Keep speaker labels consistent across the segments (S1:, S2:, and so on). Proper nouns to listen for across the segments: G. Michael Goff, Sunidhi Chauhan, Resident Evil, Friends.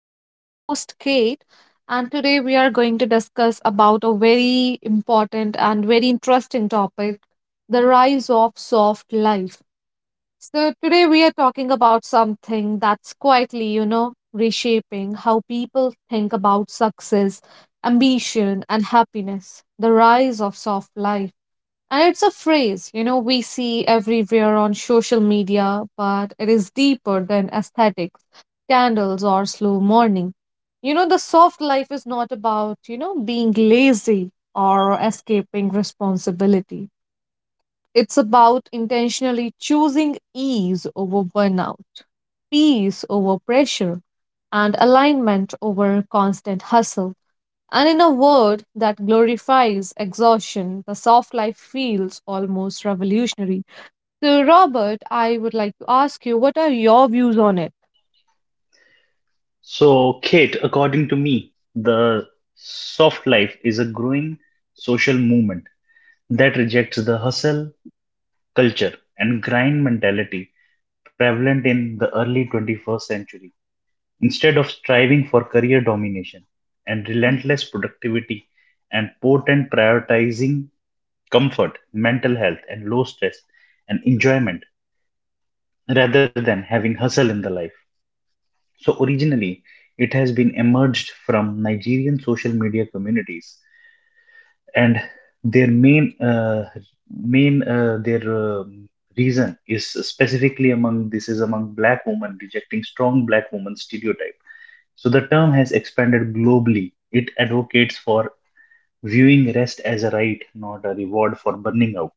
S1: I'm your host, Kate, and today we are going to discuss about a very important and very interesting topic, the rise of soft life. So today we are talking about something that's quietly, you know, reshaping how people think about success, ambition, and happiness, the rise of soft life. And it's a phrase, you know, we see everywhere on social media, but it is deeper than aesthetics, candles, or slow morning. You know, the soft life is not about, you know, being lazy or escaping responsibility. It's about intentionally choosing ease over burnout, peace over pressure, and alignment over constant hustle. And in a world that glorifies exhaustion, the soft life feels almost revolutionary. So, Robert, I would like to ask you, what are your views on it?
S2: So, Kate, according to me, the soft life is a growing social movement that rejects the hustle culture and grind mentality prevalent in the early 21st century. Instead of striving for career domination and relentless productivity and potent prioritizing comfort, mental health, and low stress and enjoyment rather than having hustle in the life. So originally, it has been emerged from Nigerian social media communities, and their main their reason is specifically among this is among black women rejecting strong black woman stereotype. So the term has expanded globally. It advocates for viewing rest as a right, not a reward for burning out,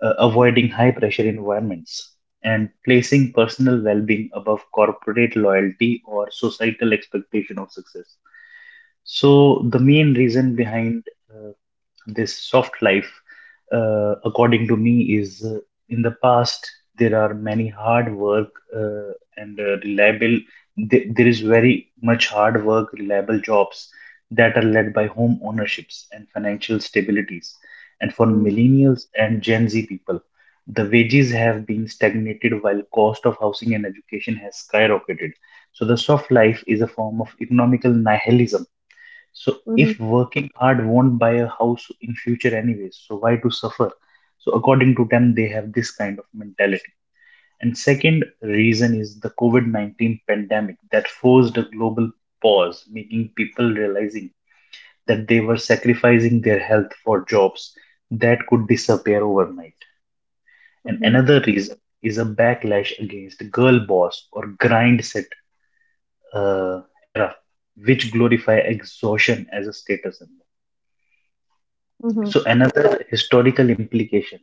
S2: avoiding
S1: Mhm,
S2: high pressure environments, and placing personal well being above corporate loyalty or societal expectation of success. So, the main reason behind uh, this soft life, according to me, is in the past there are many hard work uh, and reliable there is very much hard work reliable jobs that are led by home ownerships and financial stabilities, and for
S1: mhm,
S2: millennials and gen z people the wages have been stagnated while cost of housing and education has skyrocketed. So the soft life is a form of economical nihilism. So
S1: mhm,
S2: if working hard won't buy a house in future anyways, so why to suffer? So according to them, they have this kind of mentality. And second reason is the COVID-19 pandemic that forced a global pause, making people realizing that they were sacrificing their health for jobs that could disappear overnight. And
S1: mhm,
S2: another reason is a backlash against girl boss or grind set era, which glorify exhaustion as a status symbol.
S1: mhm,
S2: So another historical implication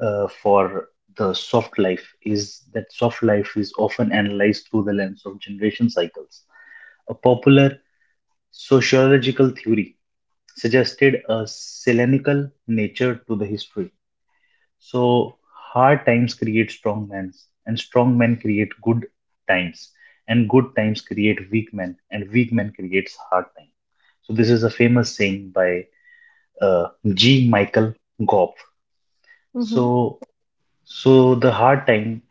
S2: for the soft life is that soft life is often analyzed through the lens of generation cycles. A popular sociological theory suggested a Selenical nature to the history. So hard times create strong men, and strong men create good times, and good times create weak men, and weak men creates hard times. So this is a famous saying by uh, G. Michael Goff.
S1: mhm, mhm,
S2: So, so the hard time,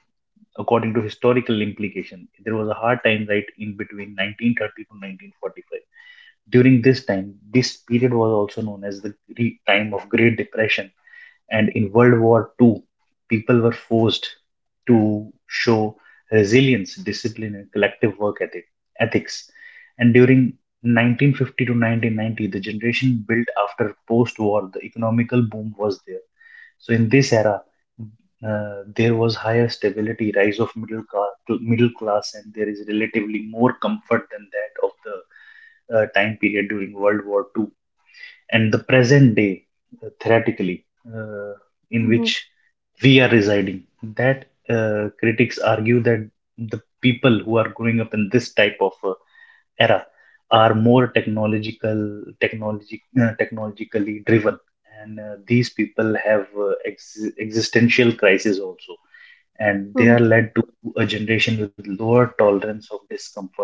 S2: according to historical implication, there was a hard time right in between 1930 to 1945. During this time, this period was also known as the time of Great Depression, and in World War Two, people were forced to show resilience, discipline, and collective work ethics. And during 1950 to 1990, the generation built after post-war, the economical boom was there. So in this era, there was higher stability, rise of middle class, and there is relatively more comfort than that of the time period during World War Two and the present day, theoretically, uh, in
S1: mhm,
S2: which we are residing. That critics argue that the people who are growing up in this type of era are more technologically driven, and these people have existential crisis also, and they
S1: mhm,
S2: are led to a generation with lower tolerance of discomfort.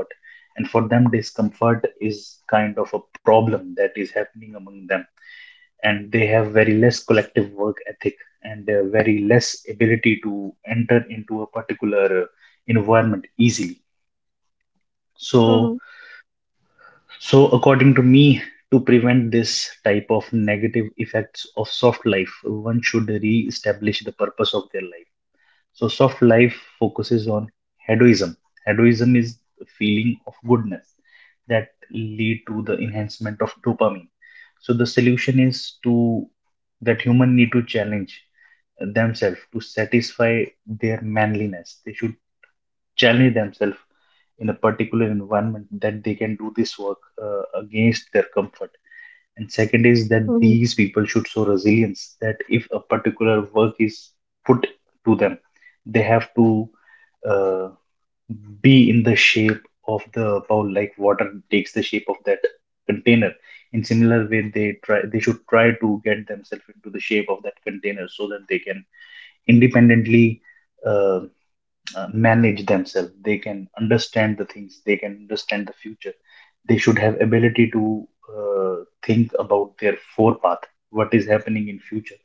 S2: And for them, discomfort is kind of a problem that is happening among them. And they have very less collective work ethic, and very less ability to enter into a particular environment easily. So,
S1: mhm,
S2: so according to me, to prevent this type of negative effects of soft life, one should re-establish the purpose of their life. So soft life focuses on hedonism. Hedonism is the feeling of goodness that lead to the enhancement of dopamine. So the solution is to that human need to challenge themselves to satisfy their manliness. They should challenge themselves in a particular environment that they can do this work against their comfort. And
S1: mhm,
S2: second is that these people should show resilience that if a particular work is put to them, they have to uh, be in the shape of the bowl, like water takes the shape of that container. In similar way, they should try to get themselves into the shape of that container so that they can independently uh, manage themselves. They can understand the things, they can understand the future. They should have ability to uh, think about their forepath, what is happening in future.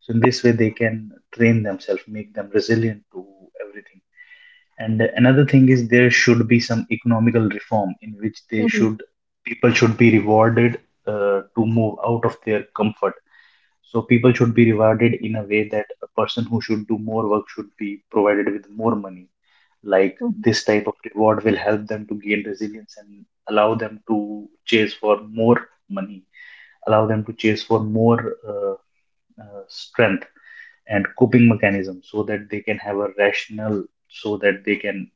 S2: So in this way they can train themselves, make them resilient to everything. And another thing is there should be some economical reform in which they
S1: mhm,
S2: should people should be rewarded to move out of their comfort. So people should be rewarded in a way that a person who should do more work should be provided with more money. Like,
S1: mhm,
S2: this type of reward will help them to gain resilience and allow them to chase for more money, allow them to chase for more strength and coping mechanism, so that they can have a rational, so that they can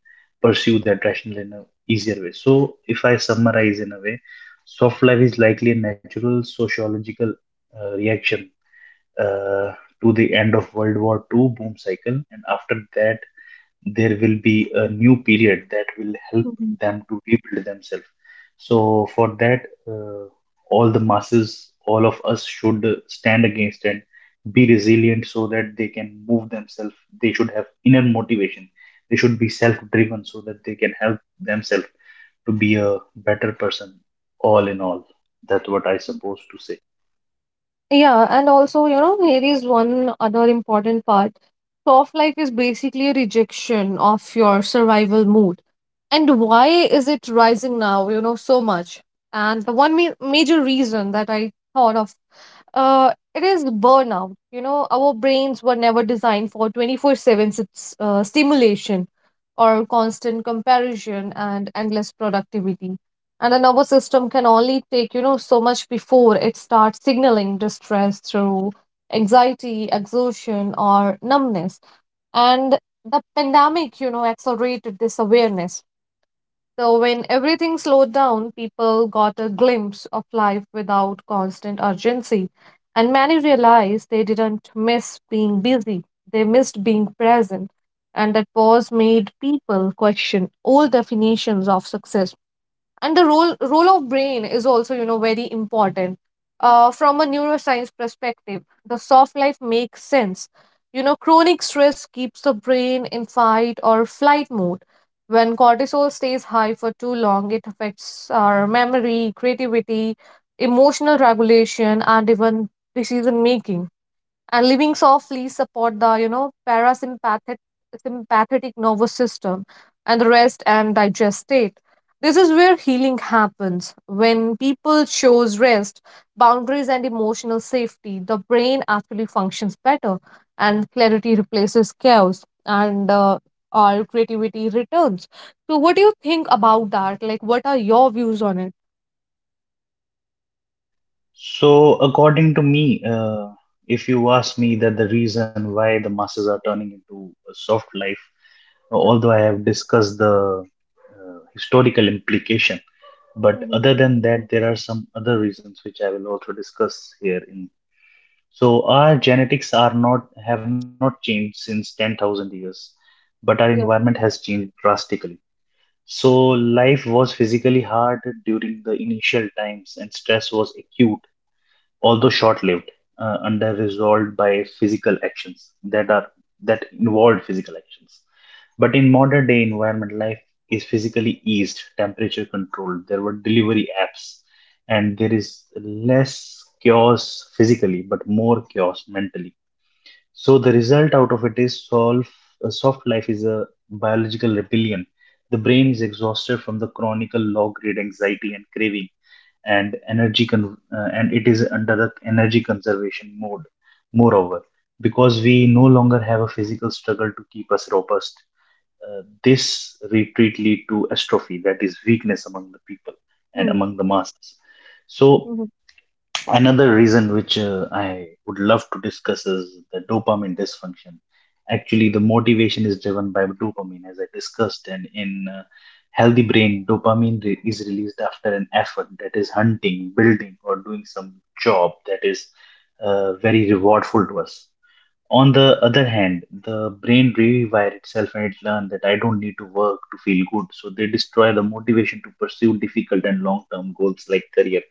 S2: pursue that rational in a easier way. So, if I summarize in a way, soft life is likely a natural sociological reaction uh, to the end of World War Two boom cycle, and after that there will be a new period that will help
S1: mhm.
S2: them to rebuild themselves. So for that, uh, all the masses, all of us should stand against and be resilient so that they can move themselves. They should have inner motivation. They should be self-driven so that they can help themselves to be a better person. All in all, that's what I suppose to say.
S1: Yeah, and also, you know, here is one other important part. Soft life is basically a rejection of your survival mood. And why is it rising now, you know, so much? And the one major reason that I thought of, it is burnout. You know, our brains were never designed for 24/7 stimulation, or constant comparison and endless productivity, and the nervous system can only take, you know, so much before it starts signaling distress through anxiety, exhaustion, or numbness. And the pandemic, you know, accelerated this awareness. So when everything slowed down, people got a glimpse of life without constant urgency, and many realized they didn't miss being busy. They missed being present, and that pause made people question old definitions of success. And the role of brain is also, you know, very important. From a neuroscience perspective, the soft life makes sense. You know, chronic stress keeps the brain in fight or flight mode. When cortisol stays high for too long, it affects our memory, creativity, emotional regulation, and even decision making. And living softly support the, you know, parasympathetic sympathetic nervous system and the rest and digest state. This is where healing happens. When people shows rest, boundaries, and emotional safety, the brain actually functions better, and clarity replaces chaos, and our creativity returns. So what do you think about that? Like, what are your views on it?
S2: So, according to me, if you ask me that the reason why the masses are turning into a soft life,
S1: Yeah.
S2: although I have discussed the historical implication, but
S1: Mm-hmm.
S2: other than that, there are some other reasons which I will also discuss here. In so, our genetics are not have not changed since 10,000 years, but our
S1: Yeah.
S2: environment has changed drastically. So, life was physically hard during the initial times, and stress was acute although short-lived, under resolved by physical actions that are that involved physical actions. But in modern day environment, life is physically eased, temperature controlled. There were delivery apps, and there is less chaos physically, but more chaos mentally. So the result out of it is solve, a soft life is a biological rebellion. The brain is exhausted from the chronic low grade anxiety and craving and it is under the energy conservation mode. Moreover, because we no longer have a physical struggle to keep us robust, this retreat lead to atrophy, that is weakness among the people and
S1: Hmm.
S2: among the masses. So
S1: Mm-hmm.
S2: another reason which I would love to discuss is the dopamine dysfunction. Actually, the motivation is driven by dopamine, as I discussed, and in healthy brain, is released after an effort that is hunting, building, or doing some job that is very rewardful to us. On the other hand, the brain rewire itself and it learns that I don't need to work to feel good. So they destroy the motivation to pursue difficult and long term goals like career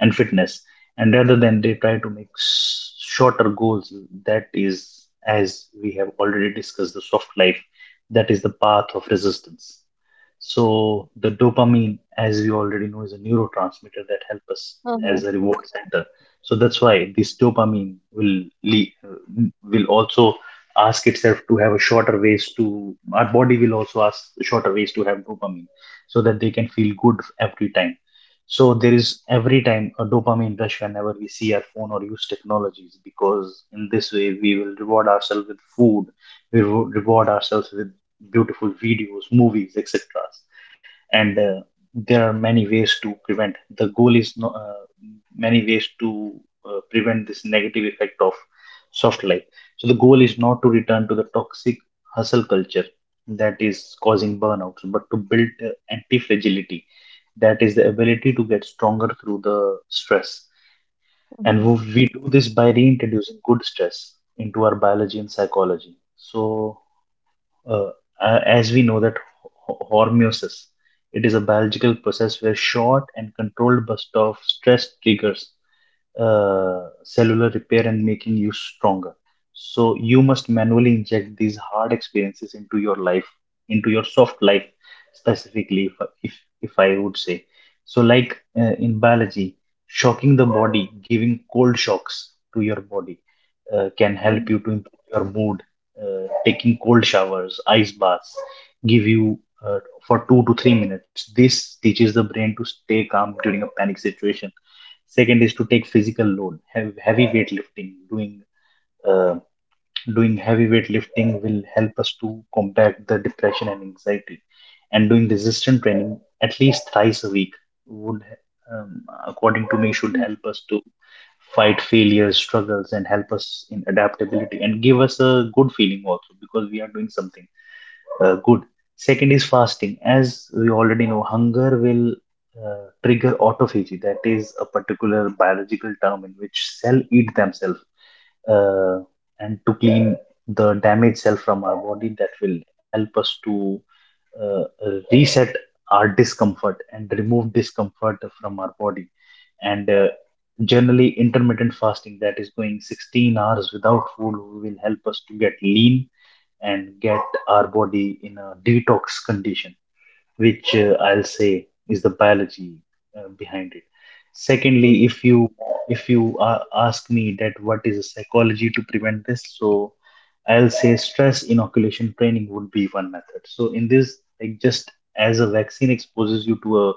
S2: and fitness. And rather than they try to make shorter goals, that is, as we have already discussed, the soft life, that is the path of resistance. So the dopamine, as we already know, is a neurotransmitter that helps us
S1: Uh-huh.
S2: as a reward center. So that's why this will also ask itself to have a shorter ways to our body, will also ask shorter ways to have dopamine so that they can feel good every time. So there is every time a dopamine rush whenever we see our phone or use technologies, because in this way we will reward ourselves with food, reward ourselves with beautiful videos, movies, etc. And there are many ways to prevent. The goal is no, many ways to prevent this negative effect of soft life. So the goal is not to return to the toxic hustle culture that is causing burnouts, but to build anti-fragility, that is the ability to get stronger through the stress. And
S1: Mhm.
S2: we do this by reintroducing good stress into our biology and psychology. So uh, as we know that hormesis, it is a biological process where short and controlled bursts of stress triggers cellular repair and making you stronger. So you must manually inject these hard experiences into your life, into your soft life specifically, if, if I would say. So like in biology, shocking the body, giving cold shocks to your body can help you to improve your mood. Taking cold showers, ice baths, give you uh, for 2 to 3 minutes. This teaches the brain to stay calm during a panic situation. Second is to take physical load, have heavy weightlifting. Uh, Doing heavy weightlifting will help us to combat the depression and anxiety. And doing resistance training at least thrice a week would, according to me, should help us to fight failures, struggles, and help us in adaptability and give us a good feeling also because we are doing something good. Second is fasting. As we already know, hunger will trigger autophagy. That is a particular biological term in which cell eat themselves uh, and to clean the damaged cell from our body. That will help us to uh, reset our discomfort and remove discomfort from our body. And Generally, intermittent fasting that is going 16 hours without food will help us to get lean and get our body in a detox condition, which I'll say is the biology behind it.
S1: Mm-hmm.
S2: Secondly, if you ask me that what is the psychology to prevent this, so I'll say stress inoculation training would be one method. So in this, like just as a vaccine exposes you to a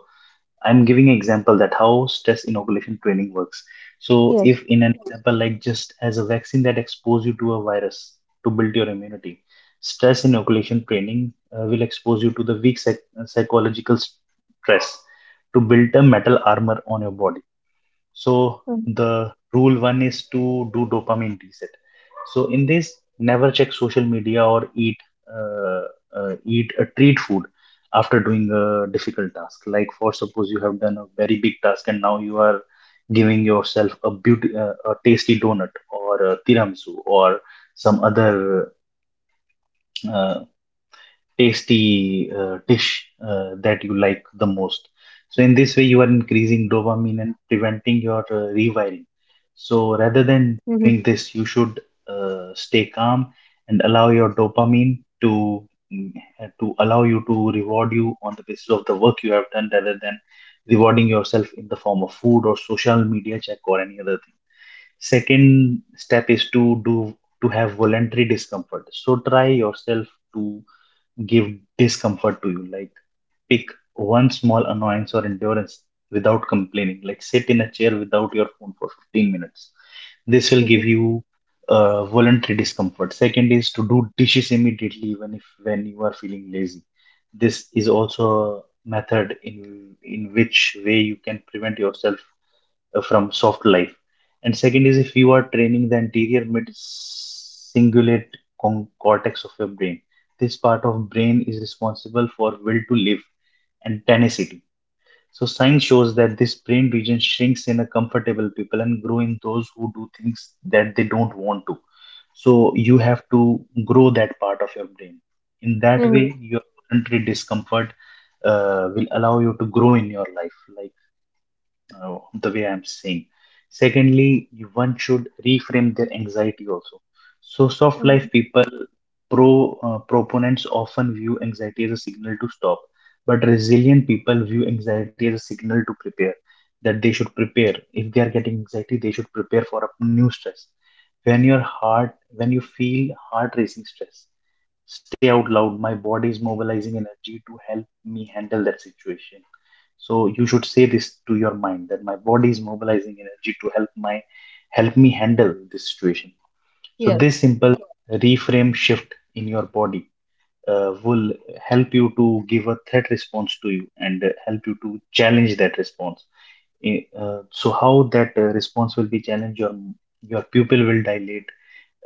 S2: I'm giving example that how stress inoculation training works. So
S1: Yes.
S2: if in an example like just as a vaccine that expose you to a virus to build your immunity, stress inoculation training will expose you to the weak psychological stress to build a metal armor on your body. So the rule one is to do dopamine reset. So in this, never check social media or uh, eat a treat food after doing a difficult task. Like for suppose you have done a very big task and now you are giving yourself a beauty a tasty donut or a tiramisu or some other uh, tasty dish that you like the most. So in this way, you are increasing dopamine and preventing your rewiring. So
S1: Mm-hmm.
S2: rather than doing this, you should stay calm and allow your dopamine to mm, to allow you to reward you on the basis of the work you have done rather than rewarding yourself in the form of food or social media check or any other thing. Second step is to do to have voluntary discomfort. So try yourself to give discomfort to you. Like pick one small annoyance or endurance without complaining. Like sit in a chair without your phone for 15 minutes. This will
S1: Mm-hmm.
S2: give you voluntary discomfort. Second is to do dishes immediately, even if when you are feeling lazy. This is also a method in which way you can prevent yourself from soft life. And second is if you are training the anterior mid cingulate cortex of your brain. This part of brain is responsible for will to live and tenacity. So science shows that this brain region shrinks in a comfortable people and grow in those who do things that they don't want to. So you have to grow that part of your brain. In that
S1: Mm-hmm.
S2: way, your voluntary discomfort will allow you to grow in your life. Like the way I'm saying. Secondly, one should reframe their anxiety also. So soft life
S1: Mm-hmm.
S2: people proponents often view anxiety as a signal to stop, but resilient people view anxiety as a signal to prepare, that they should prepare. If they are getting anxiety, they should prepare for a new stress. When your heart, when you feel heart racing stress, stay out loud. My body is mobilizing energy to help me handle that situation. So you should say this to your mind that my body is mobilizing energy to help me handle this situation. So
S1: Yes,
S2: this simple reframe shift in your body will help you to give a threat response to you and help you to challenge that response. So how that response will be challenged? Your pupil will dilate,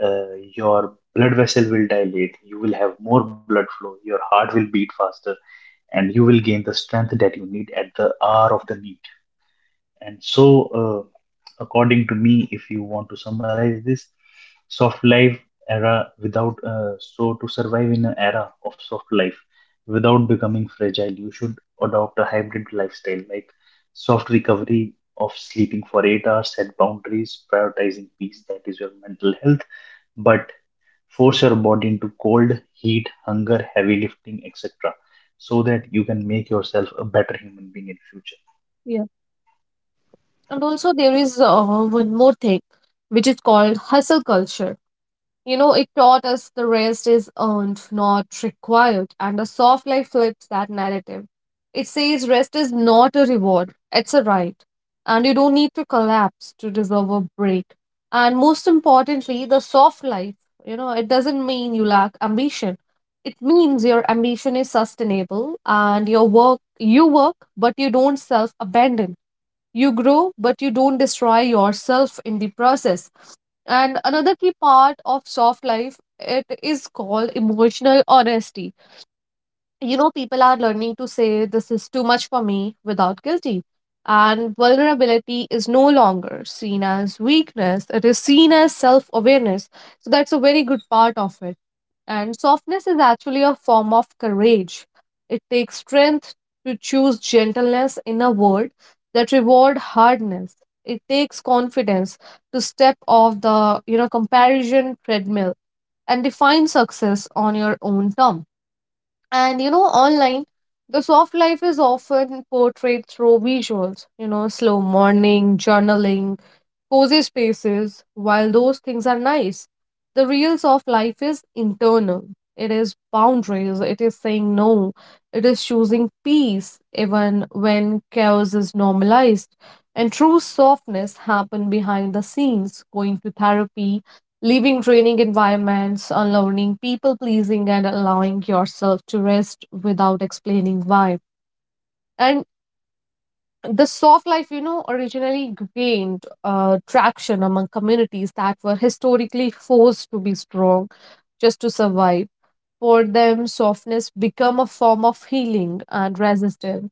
S2: your blood vessel will dilate. You will have more blood flow. Your heart will beat faster, and you will gain the strength that you need at the hour of the need. And so, uh, According to me, if you want to summarize this, soft life era without so to survive in an era of soft life without becoming fragile, you should adopt a hybrid lifestyle like soft recovery of sleeping for 8 hours, set boundaries, prioritizing peace, that is your mental health, but force your body into cold, heat, hunger, heavy lifting, etc., so that you can make yourself a better human being in future.
S1: yes. And also there is one more thing, which is called hustle culture. You know, it taught us the rest is earned, not required, and the soft life flips that narrative. It says rest is not a reward, it's a right, and you don't need to collapse to deserve a break. And most importantly, the soft life, you know, it doesn't mean you lack ambition. It means your ambition is sustainable, and your work, you work, but you don't self abandon. You grow, but you don't destroy yourself in the process, and another key part of soft life, it is called emotional honesty. You know, people are learning to say this is too much for me without guilty. And vulnerability is no longer seen as weakness, it is seen as self awareness. So that's a very good part of it. And softness is actually a form of courage. It takes strength to choose gentleness in a world that reward hardness. It takes confidence to step off the, you know, comparison treadmill and define success on your own term. And, you know, online, the soft life is often portrayed through visuals, you know, slow morning, journaling, cozy spaces, while those things are nice, the real soft life is internal. It is boundaries, it is saying no, it is choosing peace even when chaos is normalized. And true softness happen behind the scenes, going to therapy, leaving draining environments, unlearning people pleasing, and allowing yourself to rest without explaining why. And the soft life, you know, originally gained traction among communities that were historically forced to be strong just to survive. For them, softness became a form of healing and resistance.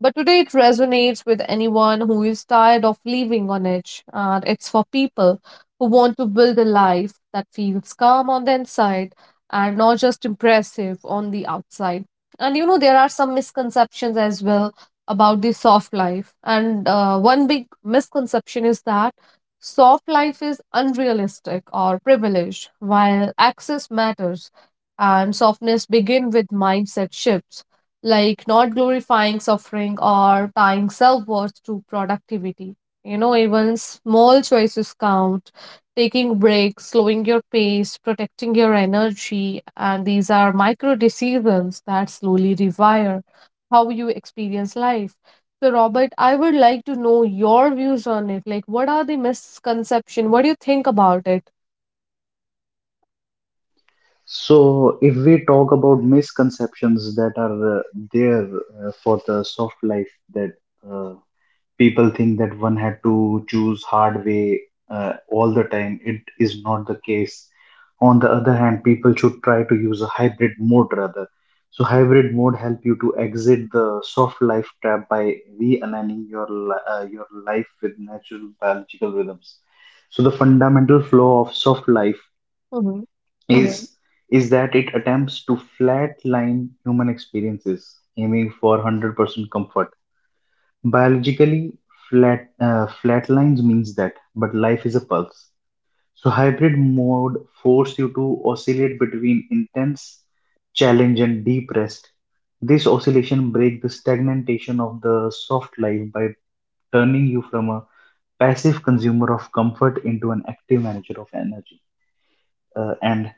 S1: But today it resonates with anyone who is tired of living on edge, and it's for people who want to build a life that feels calm on the inside and not just impressive on the outside. And, you know, there are some misconceptions as well about the soft life. And one big misconception is that soft life is unrealistic or privileged, while access matters. And softness begin with mindset shifts, like not glorifying suffering or tying self worth to productivity. You know, even small choices count. Taking breaks, slowing your pace, protecting your energy, and these are micro decisions that slowly rewire how you experience life. So, Robert, I would like to know your views on it. Like, what are the misconception? What do you think about it?
S2: So, if we talk about misconceptions that are there for the soft life, that uh, people think that one had to choose hard way all the time, it is not the case. On the other hand, people should try to use a hybrid mode rather. So, hybrid mode help you to exit the soft life trap by realigning your your life with natural biological rhythms. So, the fundamental flaw of soft life
S1: Mm-hmm.
S2: yeah. is that it attempts to flatline human experiences, aiming for 100% comfort. Biologically, flatlines means that, but life is a pulse. So hybrid mode force you to oscillate between intense challenge and deep rest. This oscillation breaks the stagnation of the soft life by turning you from a passive consumer of comfort into an active manager of energy. And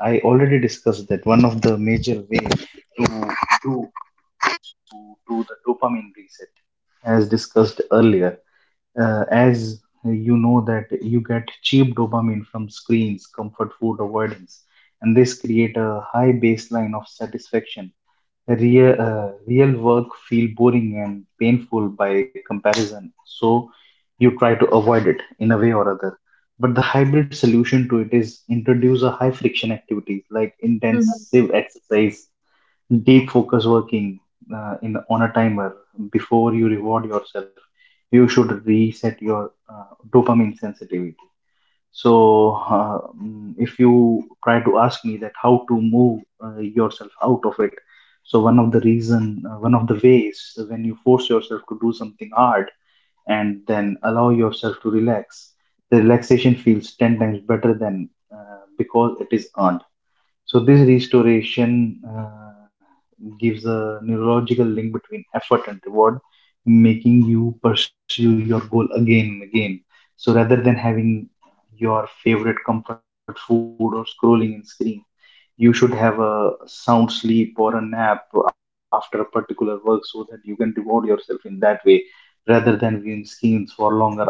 S2: I already discussed that one of the major way to do do the dopamine reset, as discussed earlier, as you know that you get cheap dopamine from screens, comfort food, avoidance, and this create a high baseline of satisfaction. Real work feel boring and painful by comparison, so you try to avoid it in a way or other. But the hybrid solution to it is introduce a high friction activities like
S1: Mm-hmm.
S2: intensive exercise, deep focus working in on a timer before you reward yourself. You should reset your dopamine sensitivity. So if you try to ask me that how to move yourself out of it, so one of the reason, one of the ways when you force yourself to do something hard and then allow yourself to relax, the relaxation feels 10 times better than because it is earned. So this restoration gives a neurological link between effort and reward, making you pursue your goal again and again. So rather than having your favorite comfort food or scrolling in screen, you should have a sound sleep or a nap after a particular work so that you can reward yourself in that way rather than viewing screens for longer hours.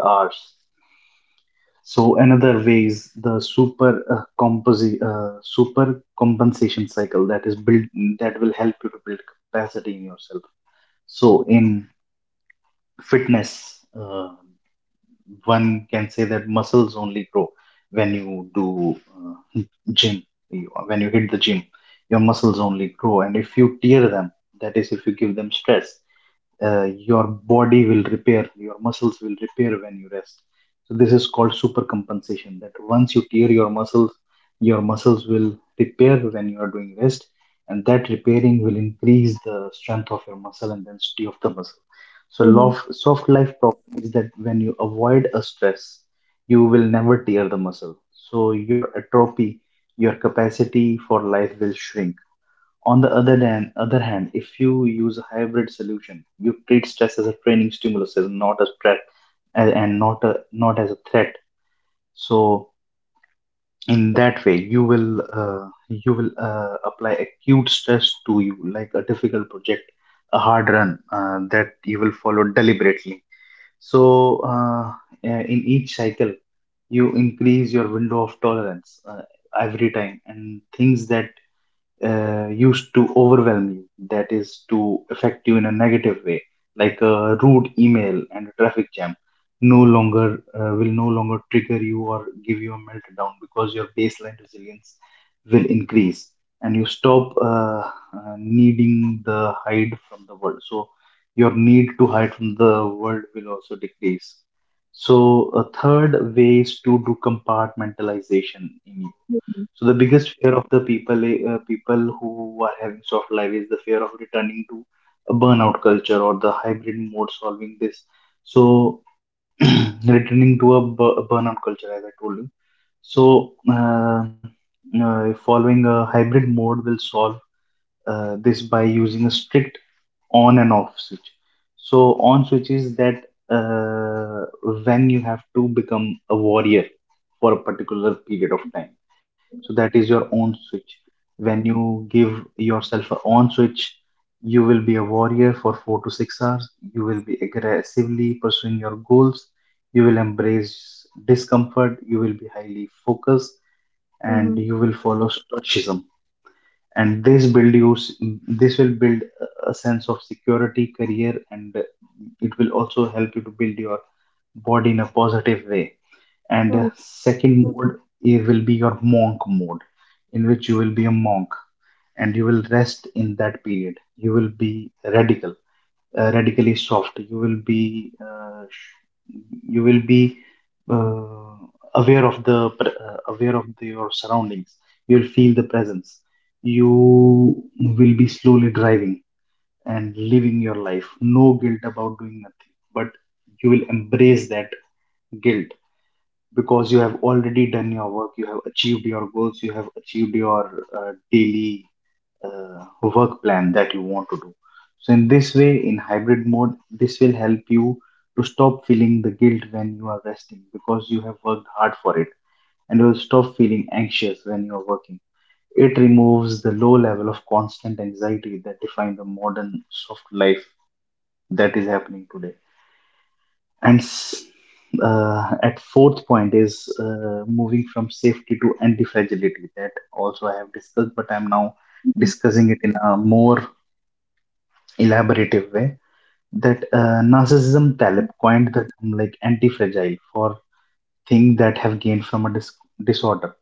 S2: So another way is the super compensation cycle that is built, that will help you to build capacity in yourself. So in fitness, one can say that muscles only grow when you do gym. When you hit the gym, your muscles only grow, and if you tear them, that is, if you give them stress, your body will repair, your muscles will repair when you rest. So this is called supercompensation. That once you tear your muscles will repair when you are doing rest, and that repairing will increase the strength of your muscle and density of the muscle. So
S1: Mm-hmm.
S2: soft life problem is that when you avoid a stress, you will never tear the muscle. So your atrophy, your capacity for life will shrink. On the other hand, if you use a hybrid solution, you treat stress as a training stimulus, as not a threat, and not as a threat. So in that way, you will apply acute stress to you, like a difficult project, a hard run that you will follow deliberately. So in each cycle, you increase your window of tolerance every time, and things that used to overwhelm you, that is, to affect you in a negative way, like a rude email and a traffic jam, no longer will no longer trigger you or give you a meltdown because your baseline resilience will increase and you stop needing the hide from the world. So, your need to hide from the world will also decrease. So, a third way is to do compartmentalization in
S1: Mm-hmm.
S2: so the biggest fear of the people people who are having soft life is the fear of returning to a burnout culture or the hybrid mode solving this. So returning to a a burnout culture, as I told you. So following a hybrid mode will solve this by using a strict on and off switch. So on switch is that uh, when you have to become a warrior for a particular period of time. So that is your on switch. When you give yourself a on switch, you will be a warrior for 4 to 6 hours. You will be aggressively pursuing your goals. You will embrace discomfort. You will be highly focused, and
S1: Mm-hmm.
S2: you will follow stoicism and this will build a sense of security career, and it will also help you to build your body in a positive way, and second mode, it will be your monk mode in which you will be a monk and you will rest in that period. You will be radical, radically soft. You will be you will be uh, aware of aware of your surroundings. You'll feel the presence. You will be slowly driving and living your life, no guilt about doing nothing, but you will embrace that guilt because you have already done your work, you have achieved your goals, you have achieved your daily work plan that you want to do. So, in this way, in hybrid mode, this will help you to stop feeling the guilt when you are resting because you have worked hard for it, and will stop feeling anxious when you are working. It removes the low level of constant anxiety that defines the modern soft life that is happening today. And s- at fourth point is moving from safety to anti-fragility. That also I have discussed, but I'm now
S1: Mm-hmm.
S2: discussing it in a more elaborative way. That Narcissism Taleb coined the term like anti-fragile for things that have gained from a disorder.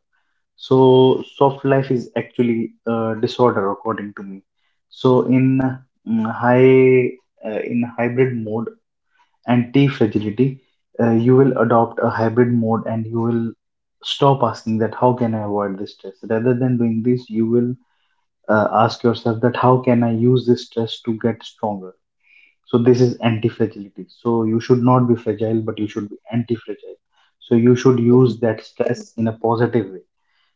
S2: So soft life is actually a disorder according to me. So in mm, high in hybrid mode anti-fragility, you will adopt a hybrid mode and you will stop asking that how can I avoid this stress. Rather than doing this, you will ask yourself that how can I use this stress to get stronger. So this is anti-fragility. So you should not be fragile, but you should be anti-fragile. So you should use that stress in a positive way.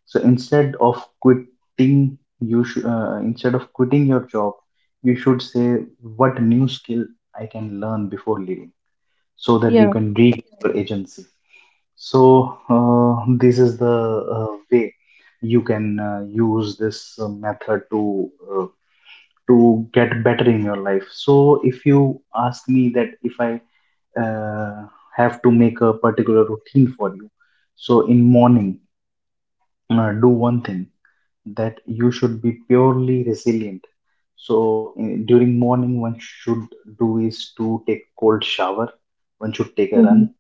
S2: So instead of quitting, you should instead of quitting your job, you should say what new skill I can learn before leaving, so that you
S1: Yeah.
S2: can regain your agency. So this is the way you can use this method uh, to get better in your life. So if you ask me that if I uh, have to make a particular routine for you, so in morning, do one thing that you should be purely resilient. So in, during morning one should do is to take cold shower, one should take a
S1: Mm-hmm.
S2: run,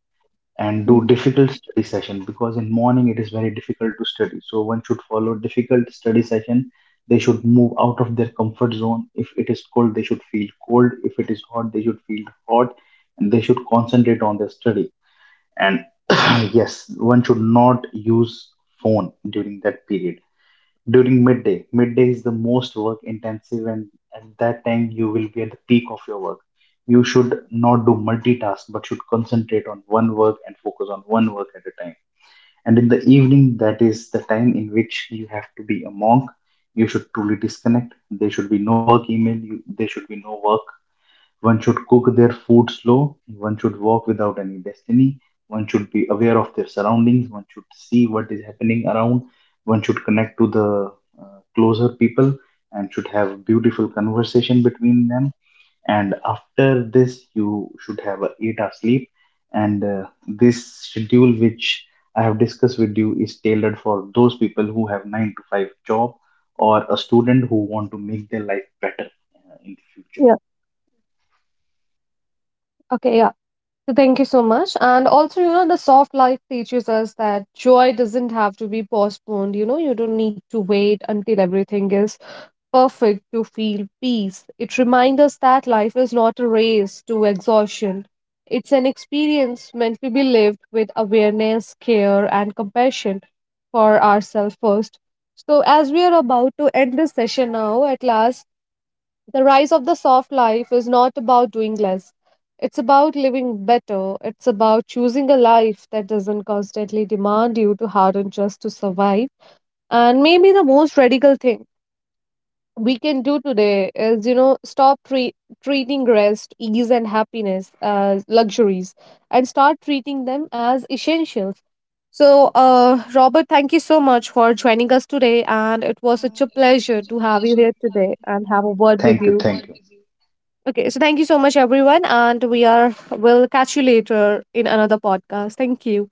S2: and
S1: Mm-hmm.
S2: do difficult study session because in morning it is very difficult to study, so one should follow difficult study session. They should move out of their comfort zone. If it is cold they should feel cold, if it is hot they should feel hot, and they should concentrate on their study. And yes, one should not use phone during that period. During midday, midday is the most work intensive, and at that time, you will be at the peak of your work. You should not do multitask, but should concentrate on one work and focus on one work at a time. And in the evening, that is the time in which you have to be a monk. You should truly disconnect. There should be no work email. You, there should be no work. One should cook their food slow. One should walk without any destiny. One should be aware of their surroundings. One should see what is happening around. One should connect to the closer people and should have beautiful conversation between them. And after this, you should have a 8-hour sleep. And this schedule, which I have discussed with you, is tailored for those people who have 9-to-5 job or a student who want to make their life better in the future.
S1: Yeah. Okay. Yeah. So thank you so much. And also, you know, the soft life teaches us that joy doesn't have to be postponed. You know, you don't need to wait until everything is perfect to feel peace. It reminds us that life is not a race to exhaustion. It's an experience meant to be lived with awareness, care, and compassion for ourselves first. So, as we are about to end this session now, at last, the rise of the soft life is not about doing less. It's about living better. It's about choosing a life that doesn't constantly demand you to harden just to survive. And maybe the most radical thing we can do today is, you know, stop treating rest, ease, and happiness as luxuries, and start treating them as essentials. So, Robert, thank you so much for joining us today, and it was such a pleasure to have you here today and have a word with
S2: Thank you.
S1: you.
S2: Thank you.
S1: Okay, so thank you so much, everyone, and we are will catch you later in another podcast. Thank you.